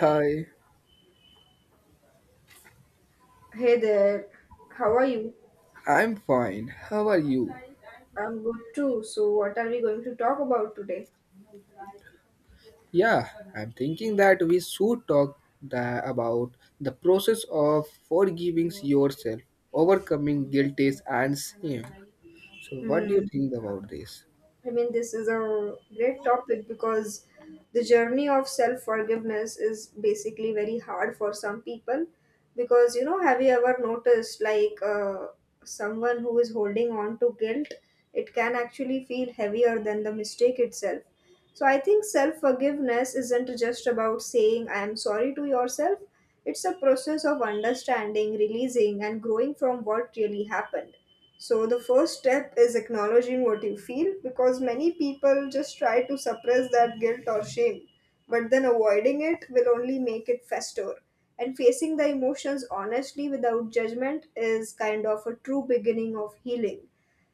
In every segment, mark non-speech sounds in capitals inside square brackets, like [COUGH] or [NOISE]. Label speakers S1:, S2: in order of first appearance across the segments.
S1: Hi,
S2: Hey there, how are you?
S1: I'm fine. How are you?
S2: I'm good too. So, what are we going to talk about today?
S1: Yeah, I'm thinking that we should talk about the process of forgiving yourself, overcoming guilt and shame. So, what do you
S2: Hmm.
S1: think about this?
S2: I mean, this is a great topic because the journey of self forgiveness is basically very hard for some people. Because, you know, have you ever noticed someone who is holding on to guilt, it can actually feel heavier than the mistake itself. So I think self forgiveness isn't just about saying I am sorry to yourself, it's a process of understanding, releasing, and growing from what really happened. So the first step is acknowledging what you feel because many people just try to suppress that guilt or shame, but then avoiding it will only make it fester. And facing the emotions honestly without judgment is kind of a true beginning of healing.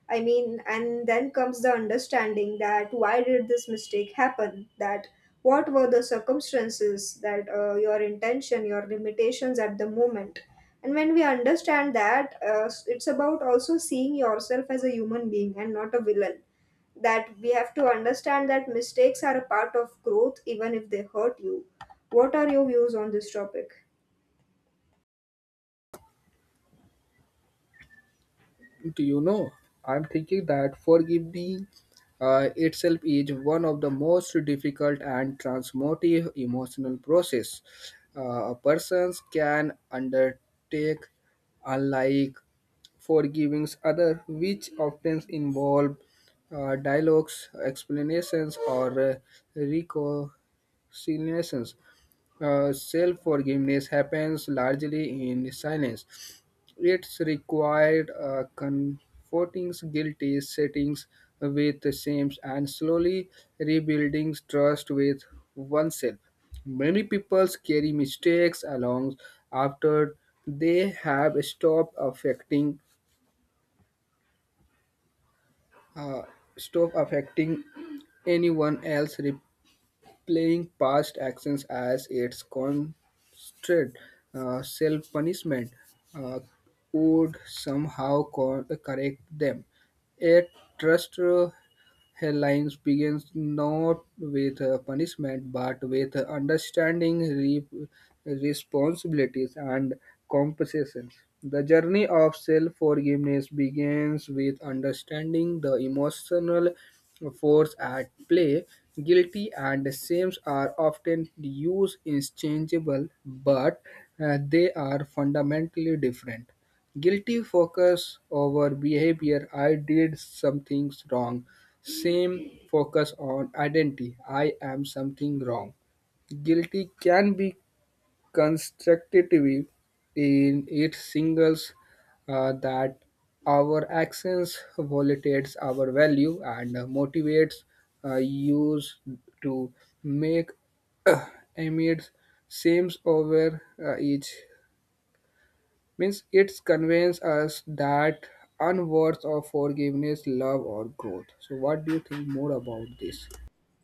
S2: I mean, and then comes the understanding that why did this mistake happen? That what were the circumstances? That your intention, your limitations at the moment. And when we understand that, it's about also seeing yourself as a human being and not a villain. That we have to understand that mistakes are a part of growth, even if they hurt you. What are your views on this topic?
S1: Do you know? I'm thinking that forgiving itself is one of the most difficult and transformative emotional process, a person can undertake, unlike forgiving others, which often involve dialogues, explanations, or reconciliations. Self forgiveness happens largely in silence. It's required comforting guilty settings with shame and slowly rebuilding trust with oneself. Many people carry mistakes along after they have uh, stop affecting anyone else, replaying past actions as its constant self punishment, uh, would somehow correct them. Yet, trust, headlines begins not with punishment but with understanding, responsibilities, and compensations. The journey of self forgiveness begins with understanding the emotional force at play. Guilty and shames are often used interchangeable, but they are fundamentally different. Guilty focus over behavior: I did something wrong. Same focus on identity: I am something wrong. Guilty can be constructive in it singles that our actions violates our value and motivates use to make [CLEARS THROAT] amid seems over each means it conveys us that unworth of forgiveness love or growth. So, what do you think more about this?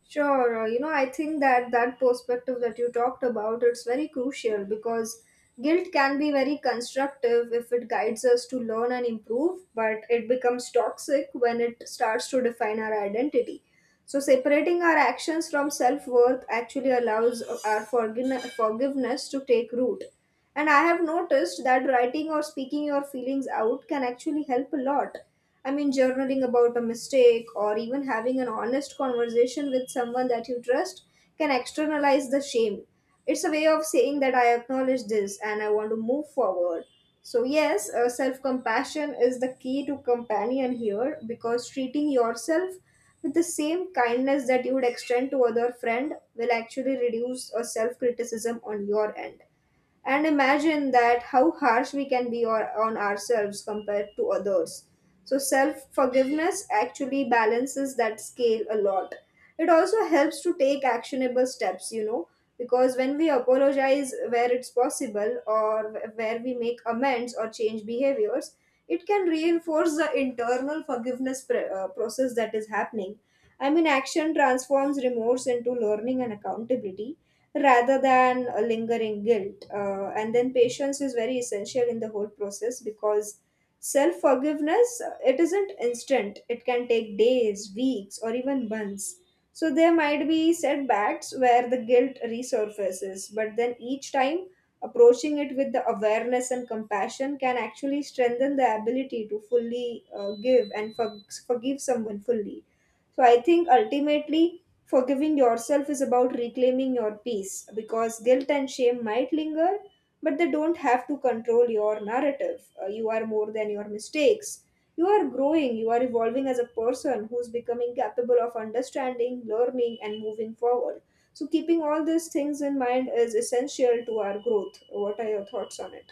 S2: Sure, you know, I think that perspective that you talked about, it's very crucial because guilt can be very constructive if it guides us to learn and improve, but it becomes toxic when it starts to define our identity. So separating our actions from self-worth actually allows our forgiveness to take root. And I have noticed that writing or speaking your feelings out can actually help a lot. I mean, journaling about a mistake or even having an honest conversation with someone that you trust can externalize the shame. It's a way of saying that I acknowledge this and I want to move forward. So, yes, self compassion is the key to companion here because treating yourself with the same kindness that you would extend to other friend will actually reduce a self criticism on your end and imagine that how harsh we can be on ourselves compared to others. So, self forgiveness actually balances that scale a lot. It also helps to take actionable steps, you know, because when we apologize where it's possible or where we make amends or change behaviors, it can reinforce the internal forgiveness process that is happening. I mean, action transforms remorse into learning and accountability rather than a lingering guilt. And then patience is very essential in the whole process because self forgiveness it isn't instant. It can take days, weeks, or even months. So there might be setbacks where the guilt resurfaces, but then each time approaching it with the awareness and compassion can actually strengthen the ability to fully give and forgive someone fully. So I think ultimately forgiving yourself is about reclaiming your peace because guilt and shame might linger, but they don't have to control your narrative. You are more than your mistakes. You are growing, you are evolving as a person who's becoming capable of understanding, learning, and moving forward. So, keeping all these things in mind is essential to our growth. What are your thoughts on it?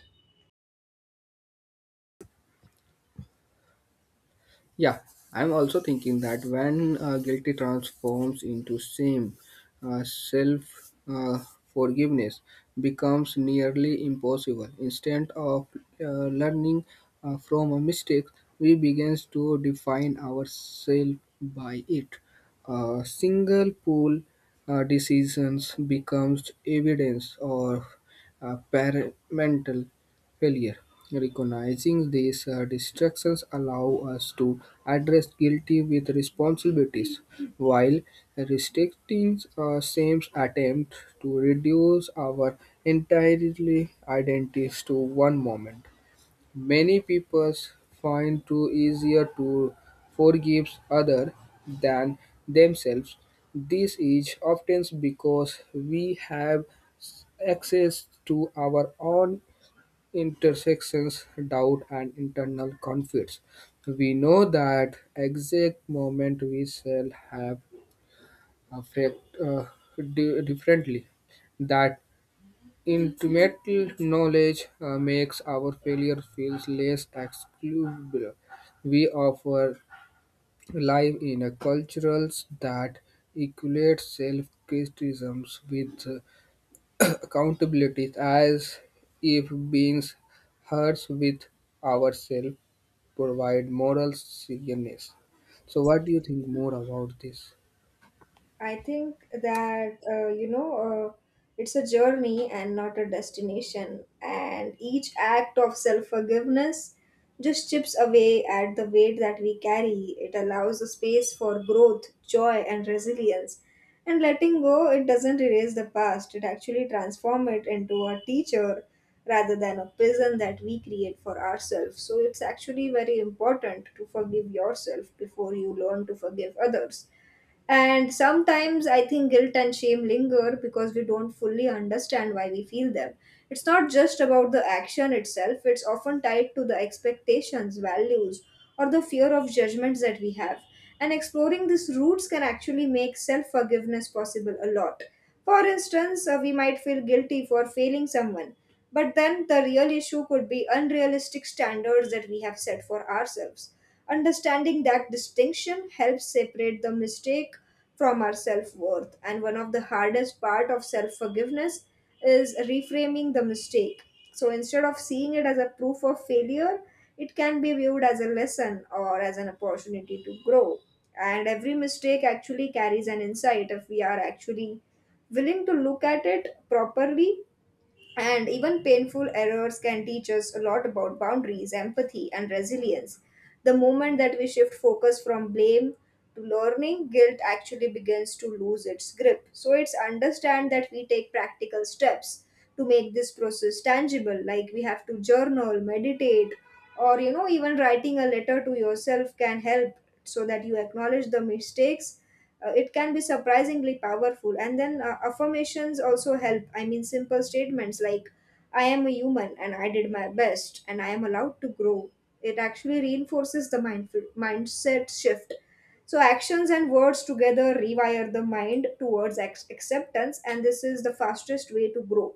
S1: Yeah, I'm also thinking that when guilty transforms into shame, self forgiveness becomes nearly impossible. Instead of learning from a mistake, we begin to define ourselves by it. A single pool decisions becomes evidence or parental failure. Recognizing these distractions allow us to address guilty with responsibilities, while restricting same attempt to reduce our entirely identities to one moment. Many people find it easier to forgive other than themselves. This is often because we have access to our own intersections, doubt, and internal conflicts. We know that exact moment we shall have affect differently. That intimate knowledge makes our failure feels less excusable. We offer live in a cultural that equates self-criticisms with accountability as if beings hurts with ourselves provide moral seriousness. So, what do you think more about this?
S2: I think that it's a journey and not a destination. And each act of self forgiveness just chips away at the weight that we carry. It allows a space for growth, joy, and resilience. And letting go, it doesn't erase the past, it actually transforms it into a teacher rather than a prison that we create for ourselves. So it's actually very important to forgive yourself before you learn to forgive others and sometimes I think guilt and shame linger because we don't fully understand why we feel them. It's not just about the action itself, it's often tied to the expectations, values, or the fear of judgments that we have. And exploring these roots can actually make self forgiveness possible a lot. For instance, we might feel guilty for failing someone, but then the real issue could be unrealistic standards that we have set for ourselves. Understanding that distinction helps separate the mistake from our self worth. And one of the hardest part of self forgiveness is reframing the mistake. So instead of seeing it as a proof of failure, it can be viewed as a lesson or as an opportunity to grow. And every mistake actually carries an insight if we are actually willing to look at it properly and even painful errors can teach us a lot about boundaries, empathy, and resilience. The moment that we shift focus from blame to learning, guilt actually begins to lose its grip. So it's understand that we take practical steps to make this process tangible, like we have to journal, meditate, or you know, even writing a letter to yourself can help so that you acknowledge the mistakes, it can be surprisingly powerful. And then affirmations also help. I mean, simple statements like I am a human and I did my best and I am allowed to grow, it actually reinforces the mindful mindset shift. So actions and words together rewire the mind towards acceptance and this is the fastest way to grow.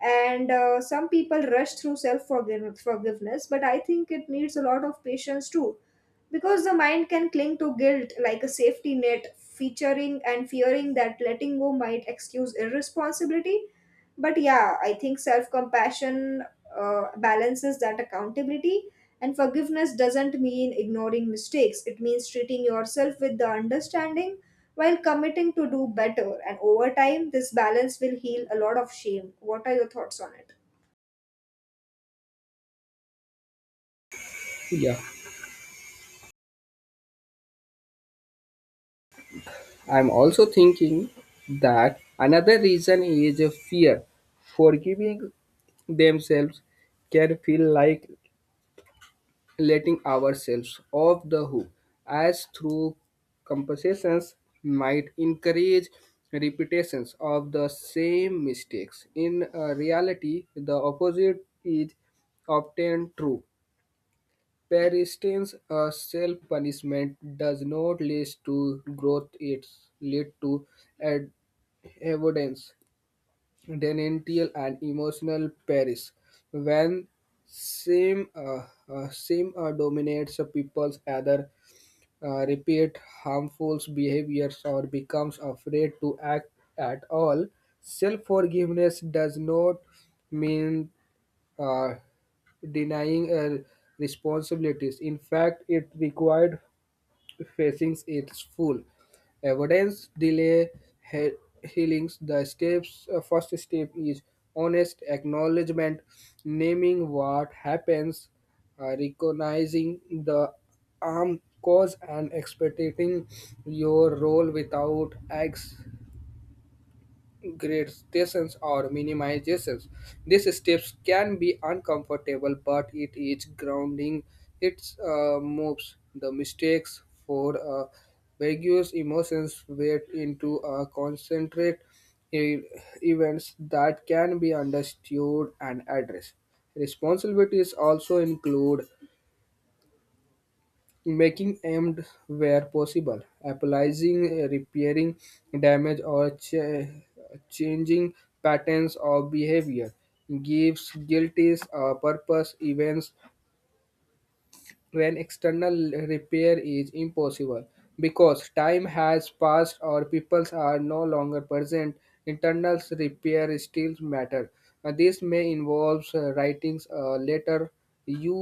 S2: And some people rush through self forgiveness but I think it needs a lot of patience too, because the mind can cling to guilt like a safety net, featuring and fearing that letting go might excuse irresponsibility. But yeah, I think self compassion balances that accountability, and forgiveness doesn't mean ignoring mistakes, it means treating yourself with the understanding while committing to do better. And over time, this balance will heal a lot of shame. What are your thoughts on it?
S1: Yeah, I'm also thinking that another reason is a fear. Forgiving themselves can feel like letting ourselves off the hook, as through compensations might encourage repetitions of the same mistakes. In reality, the opposite is often true. Persistence or self-punishment does not lead to growth; it leads to ad- avoidance, denial, and emotional paris. When shame, shame dominates a people's other, repeat harmful behaviors or becomes afraid to act at all, self-forgiveness does not mean uh, denying responsibilities. In fact, it required facing its full evidence delay he- healings. The steps, first step is honest acknowledgement, naming what happens, recognizing the harm cause and expecting your role without acts gradations or minimizations. These steps can be uncomfortable, but it is grounding. It moves the mistakes for vagues emotions weight into a concentrate e- events that can be understood and addressed. Responsibilities also include making aimed where possible, applying, repairing damage, or changing patterns of behavior gives guilties a purpose. Events when external repair is impossible because time has passed or peoples are no longer present, internal repair still matter. This may involve writings a letter you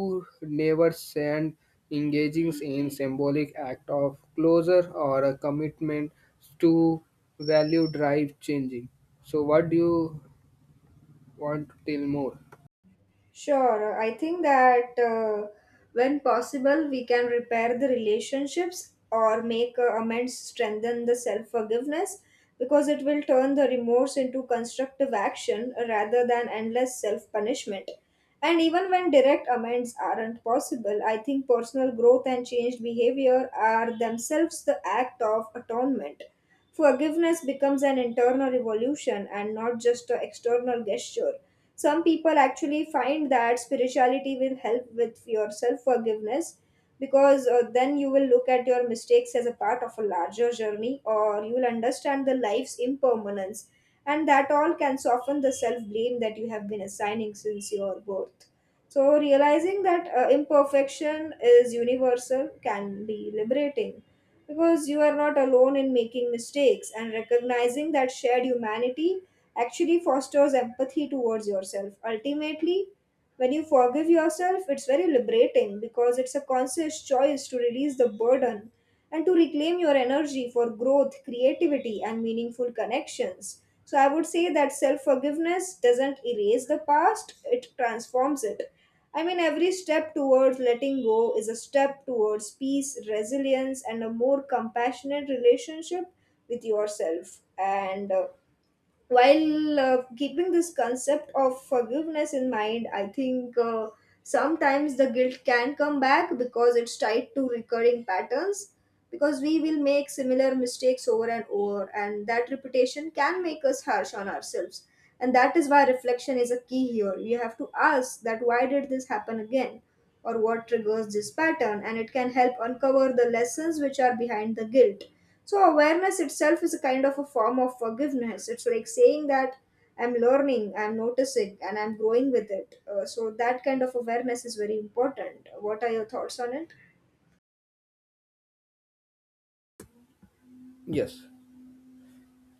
S1: never send, engaging in symbolic act of closure or a commitment to value drive changing. So, what do you want to tell more?
S2: Sure, I think that when possible, we can repair the relationships or make amends, strengthen the self forgiveness because it will turn the remorse into constructive action rather than endless self punishment. And even when direct amends aren't possible, I think personal growth and changed behavior are themselves the act of atonement. Forgiveness becomes an internal revolution and not just an external gesture. Some people actually find that spirituality will help with your self forgiveness because then you will look at your mistakes as a part of a larger journey or you will understand the life's impermanence and that all can soften the self blame that you have been assigning since your birth. So, realizing that imperfection is universal can be liberating because you are not alone in making mistakes and recognizing that shared humanity actually fosters empathy towards yourself. Ultimately, when you forgive yourself, it's very liberating because it's a conscious choice to release the burden and to reclaim your energy for growth, creativity, and meaningful connections. So, I would say that self forgiveness doesn't erase the past, it transforms it. I mean, every step towards letting go is a step towards peace, resilience, and a more compassionate relationship with yourself. And while keeping this concept of forgiveness in mind, I think sometimes the guilt can come back because it's tied to recurring patterns. Because we will make similar mistakes over and over, and that repetition can make us harsh on ourselves. And that is why reflection is a key here. You have to ask that why did this happen again? Or what triggers this pattern and it can help uncover the lessons which are behind the guilt. So awareness itself is a kind of a form of forgiveness. It's like saying that I'm learning, I'm noticing, and I'm growing with it. So that kind of awareness is very important. What are your thoughts on it?
S1: Yes.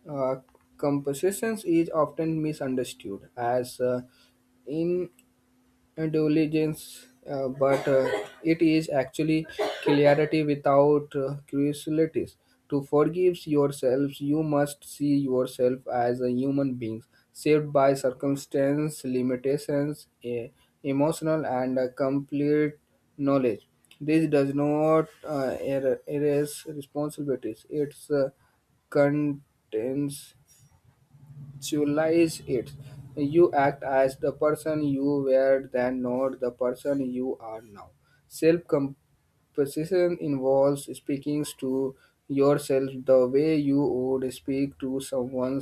S1: Uh, Compositions is often misunderstood as indulgence, but it is actually clarity without curiosities. To forgive yourselves, you must see yourself as a human being, saved by circumstance, limitations, emotional, and complete knowledge. This does not erase responsibilities. It's contains conceptualize it. You act as the person you were then, not the person you are now. Self composition involves speaking to yourself the way you would speak to someone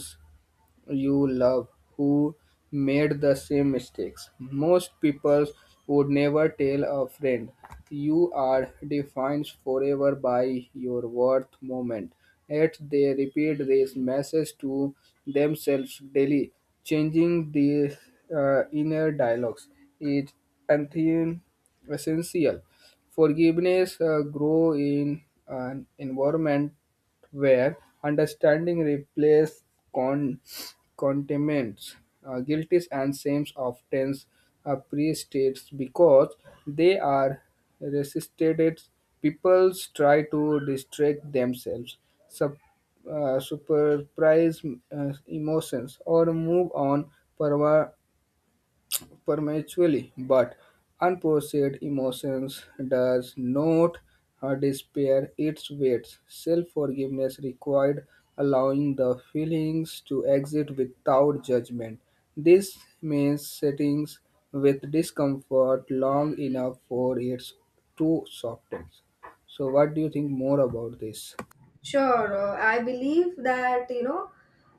S1: you love who made the same mistakes. Most people would never tell a friend. You are defined forever by your worth moment. Yet they repeat this message to themselves daily. Changing these inner dialogues is anti essential. Forgiveness grow in an environment where understanding replaces con- condemns. Guilties and shames often are pre-states because they are resisted. People try to distract themselves, sup- surprise emotions, or move on forward prematurely, but unprocessed emotions does not despair its weight. Self-forgiveness required allowing the feelings to exit without judgment. This means sitting with discomfort long enough for it to soften. So, what do you think more about this?
S2: Sure, I believe that you know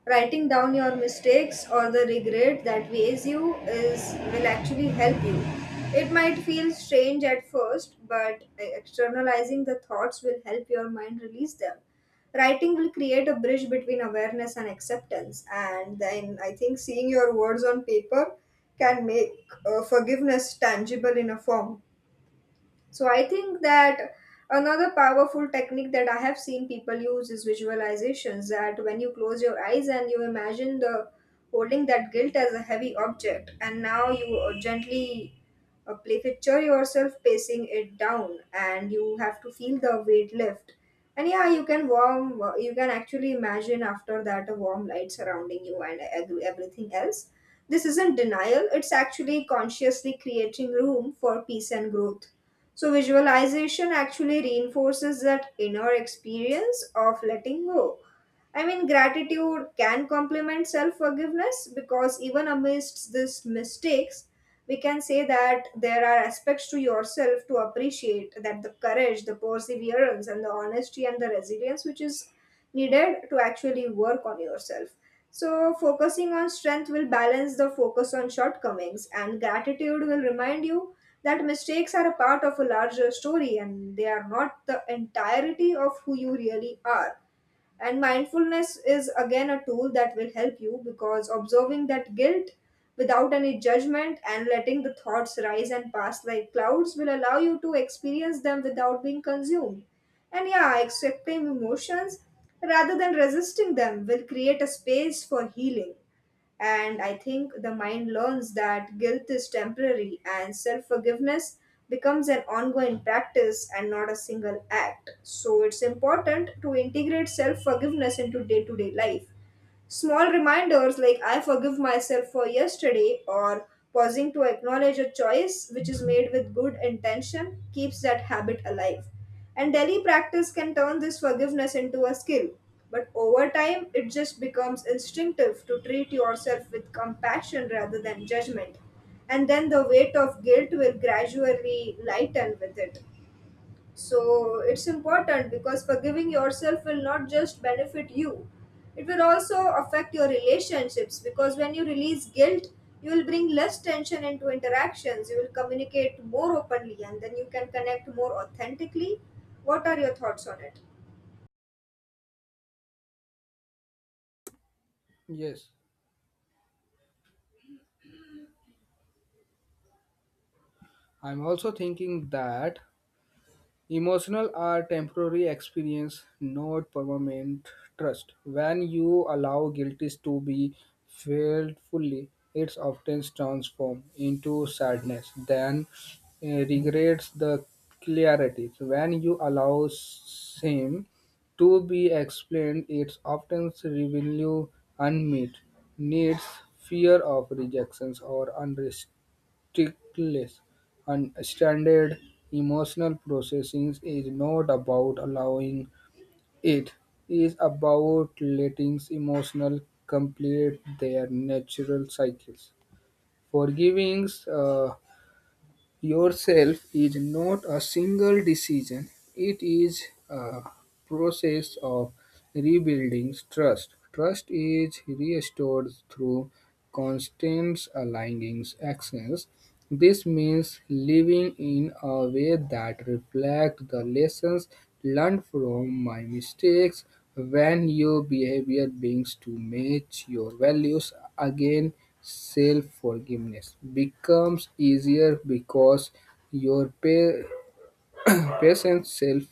S2: writing down your mistakes or the regret that weighs you is will actually help you. It might feel strange at first, but externalizing the thoughts will help your mind release them. Writing will create a bridge between awareness and acceptance, and then I think seeing your words on paper can make forgiveness tangible in a form. So I think that another powerful technique that I have seen people use is visualizations, that when you close your eyes and you imagine the holding that guilt as a heavy object and now you gently play picture yourself pacing it down and you have to feel the weight lift and yeah, you can warm you can actually imagine after that a warm light surrounding you and everything else. This isn't denial, it's actually consciously creating room for peace and growth. So, visualization actually reinforces that inner experience of letting go. I mean, gratitude can complement self forgiveness because even amidst these mistakes, we can say that there are aspects to yourself to appreciate, that the courage, the perseverance, and the honesty and the resilience which is needed to actually work on yourself. So, focusing on strength will balance the focus on shortcomings, and gratitude will remind you that mistakes are a part of a larger story and they are not the entirety of who you really are. And mindfulness is again a tool that will help you because observing that guilt without any judgment and letting the thoughts rise and pass like clouds will allow you to experience them without being consumed. And yeah, accepting emotions rather than resisting them will create a space for healing. And I think the mind learns that guilt is temporary and self forgiveness becomes an ongoing practice and not a single act. So it's important to integrate self forgiveness into day to day life. Small reminders like I forgive myself for yesterday, or pausing to acknowledge a choice which is made with good intention, keeps that habit alive. And daily practice can turn this forgiveness into a skill. But over time, it just becomes instinctive to treat yourself with compassion rather than judgment. And then the weight of guilt will gradually lighten with it. So it's important because forgiving yourself will not just benefit you, it will also affect your relationships because when you release guilt, you will bring less tension into interactions, you will communicate more openly, and then you can connect more authentically. What are your thoughts on it?
S1: Yes, I'm also thinking that emotional are temporary experience, not permanent trust. When you allow guilty to be felt fully, it often transforms into sadness, then regrets the clarity. When you allow shame to be explained, it often reveals unmet needs, fear of rejections, or unrest Stiglitz and standard. Emotional processing is not about allowing, it's about letting emotions complete their natural cycles. Forgiving yourself is not a single decision, it is a process of rebuilding trust. Trust is restored through constant aligning actions. This means living in a way that reflects the lessons learned from my mistakes. When your behavior begins to match your values again, self forgiveness becomes easier because your [CLEARS THROAT] patient self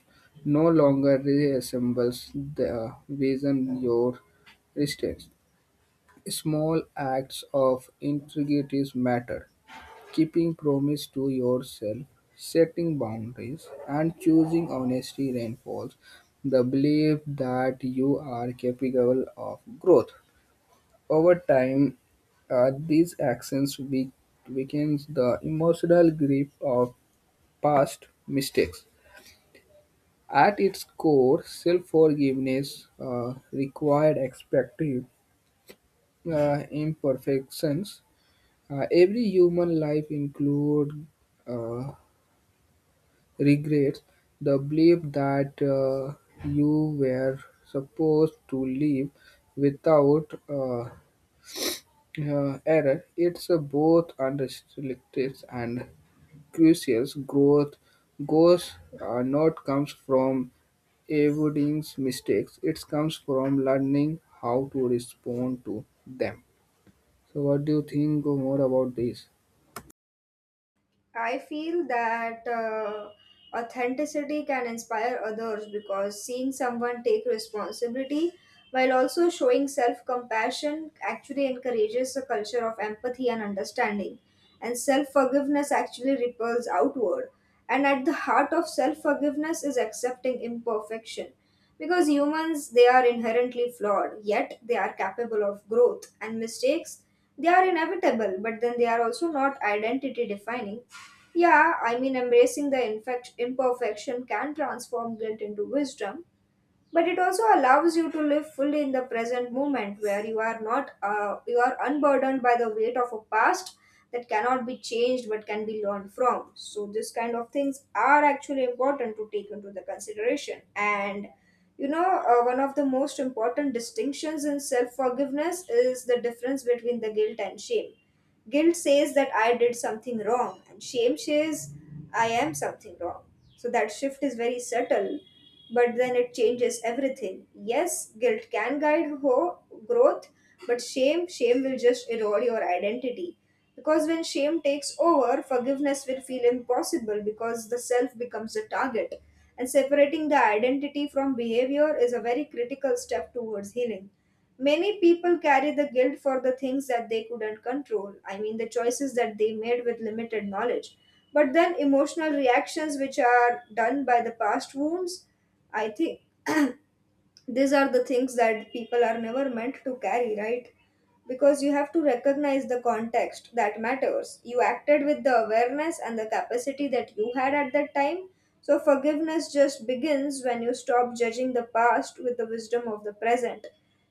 S1: no longer resembles the vision your resistance. Small acts of integrity matter. Keeping promise to yourself, setting boundaries, and choosing honesty reinforce the belief that you are capable of growth. Over time, these actions weakens the emotional grip of past mistakes. At its core, self-forgiveness required expecting imperfections. Every human life includes regrets, the belief that you were supposed to live without error. It's a both unrestricted and curious growth goes, not comes from avoiding mistakes. It comes from learning how to respond to them. So, what do you think more about this?
S2: I feel that authenticity can inspire others because seeing someone take responsibility while also showing self compassion actually encourages a culture of empathy and understanding. And self forgiveness actually ripples outward. And at the heart of self forgiveness is accepting imperfection. Because humans, they are inherently flawed, yet they are capable of growth, and mistakes, they are inevitable, but then they are also not identity defining. Yeah, I mean, embracing the imperfection can transform guilt into wisdom, but it also allows you to live fully in the present moment, where you are not you are unburdened by the weight of a past that cannot be changed but can be learned from. So this kind of things are actually important to take into the consideration. And you know, one of the most important distinctions in self forgiveness is the difference between the guilt and shame. Guilt says that I did something wrong, and shame says I am something wrong. So that shift is very subtle, but then it changes everything. Yes, guilt can guide growth, but shame, shame will just erode your identity. Because when shame takes over, forgiveness will feel impossible because the self becomes a target. And separating the identity from behavior is a very critical step towards healing. Many people carry the guilt for the things that they couldn't control, I mean, the choices that they made with limited knowledge. But then emotional reactions, which are done by the past wounds, I think these are the things that people are never meant to carry, right? Because you have to recognize the context that matters. You acted with the awareness and the capacity that you had at that time. So forgiveness just begins when you stop judging the past with the wisdom of the present.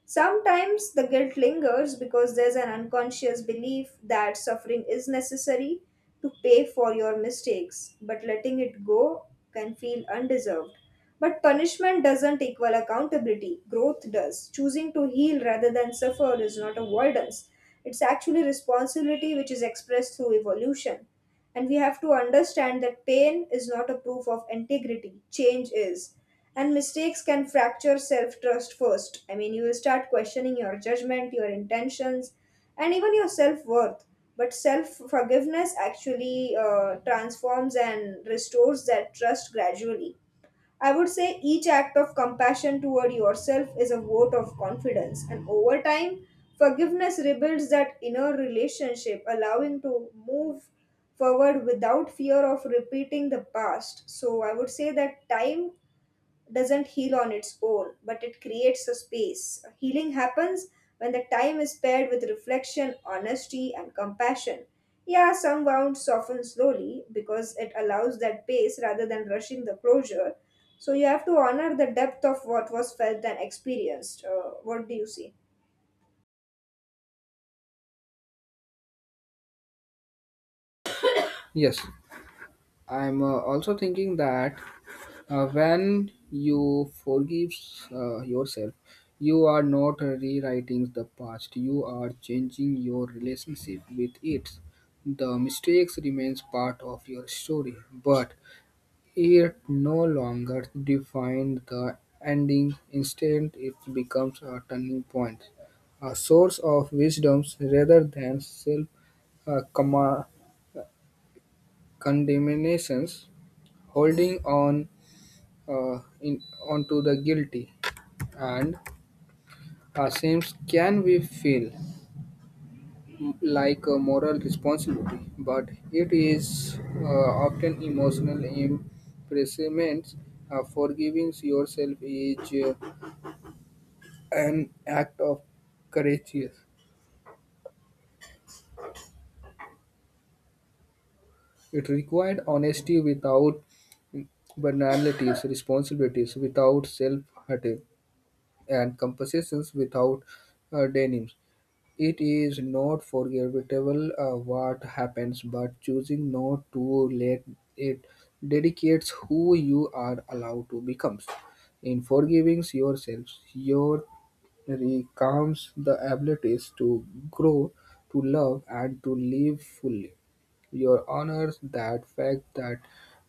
S2: Sometimes the guilt lingers because there's an unconscious belief that suffering is necessary to pay for your mistakes, but letting it go can feel undeserved. But punishment doesn't equal accountability, growth does. Choosing to heal rather than suffer is not avoidance, it's actually responsibility which is expressed through evolution. And we have to understand that pain is not a proof of integrity, change is. And mistakes can fracture self trust first. I mean, you will start questioning your judgment, your intentions, and even your self worth. But self forgiveness actually transforms and restores that trust gradually. I would say each act of compassion toward yourself is a vote of confidence, and over time, forgiveness rebuilds that inner relationship, allowing to move forward without fear of repeating the past. So, I would say that time doesn't heal on its own, but it creates a space. Healing happens when the time is paired with reflection, honesty, and compassion. Yeah, some wounds soften slowly because it allows that pace rather than rushing the closure. So you have to honor the depth of what was felt and experienced. What do you see?
S1: Yes, I'm also thinking that. When you forgive yourself, you are not rewriting the past. You are changing your relationship with it. The mistakes remains part of your story, but it no longer defines the ending. Instead, it becomes a turning point, a source of wisdoms rather than self uh, comma- condemnations. Holding on in onto the guilty and seems can we feel like a moral responsibility, but it is often emotional imprisonment. Forgiving yourself is an act of courage. It required honesty without banalities, responsibilities without self-hatred, and compensations without denims. It is not forgettable what happens, but choosing not to let it dedicates who you are allowed to become. In forgiving yourself, your recounts the abilities to grow, to love, and to live fully. Your honors that fact that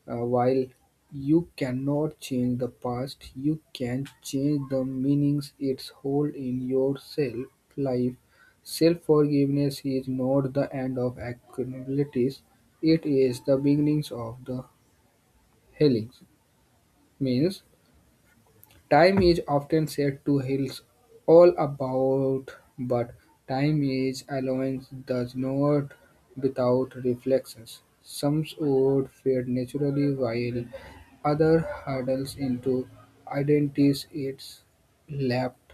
S1: while you cannot change the past, you can change the meanings it holds in your self life. Self forgiveness is not the end of accountabilities, it is the beginnings of the healings. Means time is often said to heal all about, but time is allowance does not without reflections. Some would fade naturally while other hurdles into identities it's left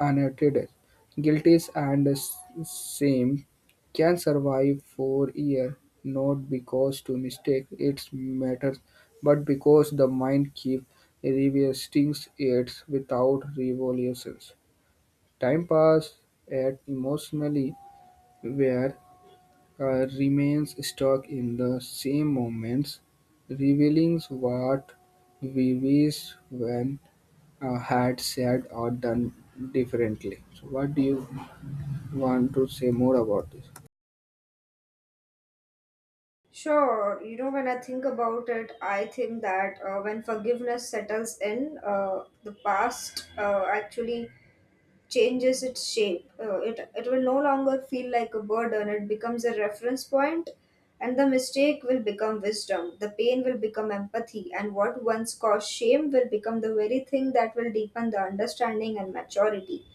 S1: unattended, guilties and same can survive for year, not because to mistake its matters, but because the mind keeps revisiting it without revolutions. Time pass, at emotionally where remains stuck in the same moments, revealing what we wish when had said or done differently. So, what do you want to say more about this?
S2: Sure, you know, when I think about it, I think that when forgiveness settles in, the past actually changes its shape. It will no longer feel like a burden, it becomes a reference point, and the mistake will become wisdom. The pain will become empathy, and what once caused shame will become the very thing that will deepen the understanding and maturity.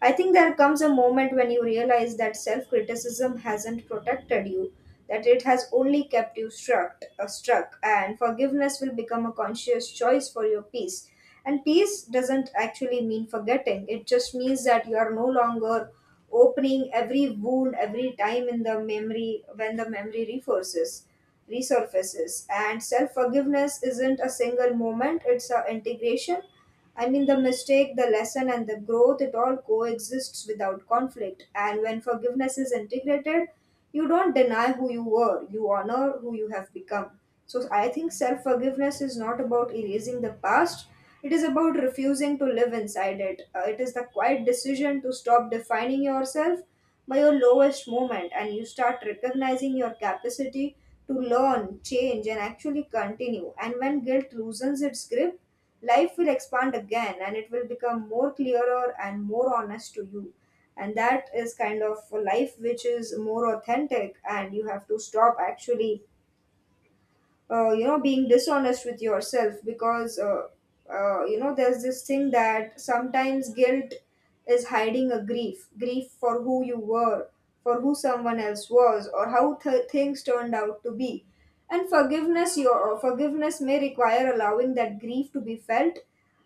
S2: I think there comes a moment when you realize that self criticism hasn't protected you, that it has only kept you struck, and forgiveness will become a conscious choice for your peace. And peace doesn't actually mean forgetting, it just means that you are no longer opening every wound every time in the memory when the memory reforces resurfaces. And self forgiveness isn't a single moment, it's an integration. I mean, the mistake, the lesson, and the growth, it all coexists without conflict. And when forgiveness is integrated, you don't deny who you were, you honor who you have become. So I think self forgiveness is not about erasing the past, it is about refusing to live inside it. It is the quiet decision to stop defining yourself by your lowest moment, and you start recognizing your capacity to learn, change, and actually continue. And when guilt loosens its grip, life will expand again and it will become more clearer and more honest to you. And that is kind of a life which is more authentic, and you have to stop actually you know being dishonest with yourself because you know there's this thing that sometimes guilt is hiding a grief, for who you were, for who someone else was, or how things turned out to be. And forgiveness your forgiveness may require allowing that grief to be felt.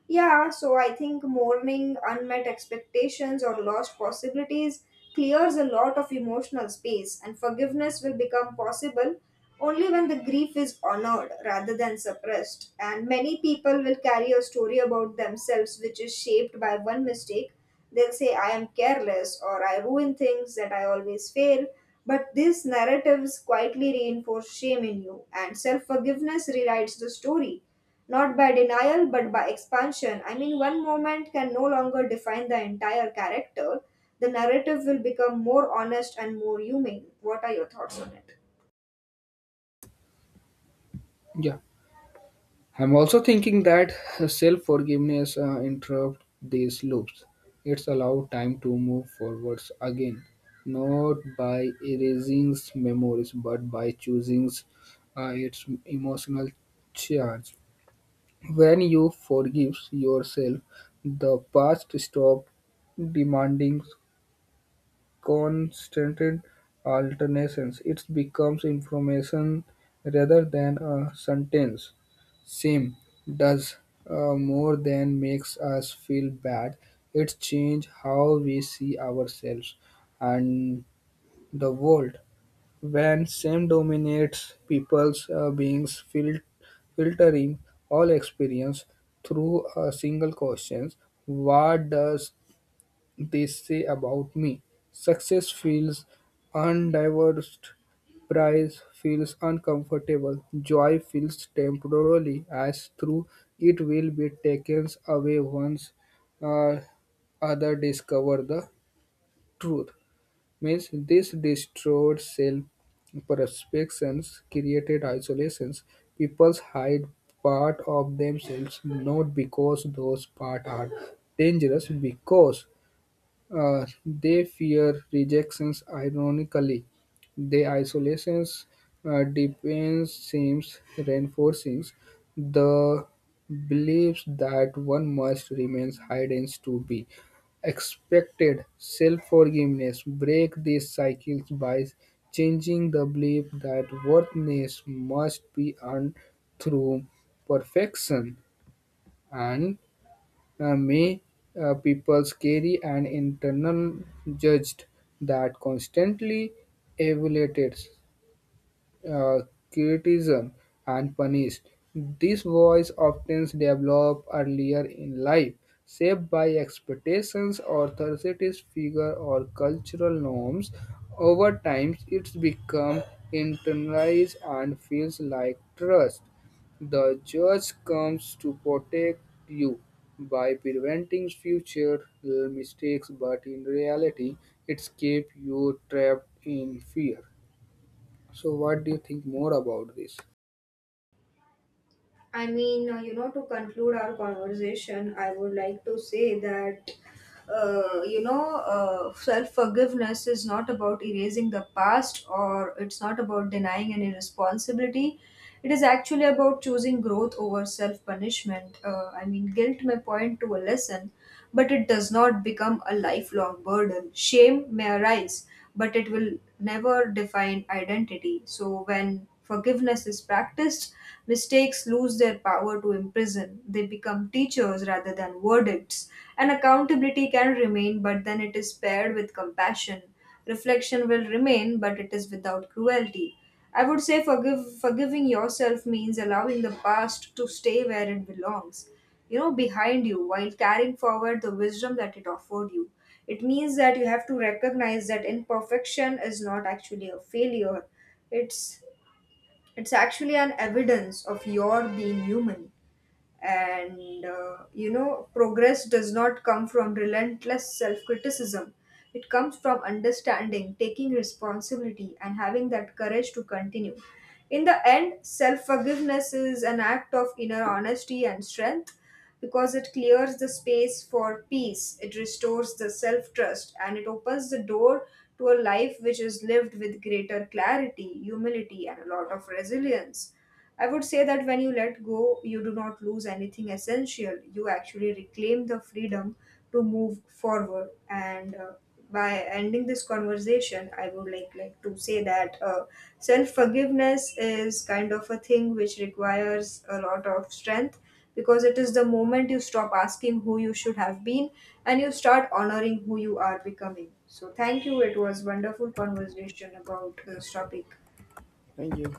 S2: Yeah, so I think mourning, unmet expectations, or lost possibilities clears a lot of emotional space, and forgiveness will become possible only when the grief is honored rather than suppressed. And many people will carry a story about themselves which is shaped by one mistake. They'll say, I am careless, or I ruin things, that I always fail. But these narratives quietly reinforce shame in you, and self forgiveness rewrites the story not by denial, but by expansion. I mean, one moment can no longer define the entire character. The narrative will become more honest and more human. What are your thoughts on it?
S1: Yeah, I'm also thinking that self forgiveness interrupt these loops. It's allow time to move forwards again, not by erasing memories, but by choosing its emotional charge. When you forgive yourself, the past stop demanding constant alternations; it becomes information rather than a sentence. Sim does more than makes us feel bad. It changes how we see ourselves and the world. When shame dominates people's beings, filtering all experience through a single question: what does they say about me? Success feels undivorced, prize feels uncomfortable, joy feels temporarily, as through it will be taken away once uh, other discover the truth. Means this destroyed self perceptions created isolations. People hide part of themselves not because those parts are dangerous, because they fear rejections. Ironically, the isolation's dependence seems reinforcing the beliefs that one must remain hidden to be expected. Self-forgiveness break these cycles by changing the belief that worthiness must be earned through perfection, and may people carry an internal judge that constantly evaluates uh, criticism and punished. This voice often develops earlier in life, shaped by expectations, authorities, figure, or cultural norms. Over time, it's become internalized and feels like trust. The judge comes to protect you by preventing future mistakes, but in reality, it's keep you trapped in fear. So, what do you think more about this?
S2: I mean, you know, to conclude our conversation, I would like to say that, you know, self forgiveness is not about erasing the past, or it's not about denying any responsibility. It is actually about choosing growth over self punishment. I mean, guilt may point to a lesson, but it does not become a lifelong burden. Shame may arise, but it will never define identity. So, when forgiveness is practiced, mistakes lose their power to imprison. They become teachers rather than verdicts. And accountability can remain, but then it is paired with compassion. Reflection will remain, but it is without cruelty. I would say forgiving yourself means allowing the past to stay where it belongs, you know, behind you, while carrying forward the wisdom that it offered you. It means that you have to recognize that imperfection is not actually a failure, it's it's actually an evidence of your being human. And you know, progress does not come from relentless self-criticism, it comes from understanding, taking responsibility, and having that courage to continue. In the end, self-forgiveness is an act of inner honesty and strength, because it clears the space for peace, it restores the self-trust, and it opens the door to a life which is lived with greater clarity, humility, and a lot of resilience. I would say that when you let go, you do not lose anything essential. You actually reclaim the freedom to move forward. And by ending this conversation, I would like to say that self forgiveness is kind of a thing which requires a lot of strength, because it is the moment you stop asking who you should have been and you start honoring who you are becoming. So thank you. It was wonderful conversation about this topic.
S1: Thank you.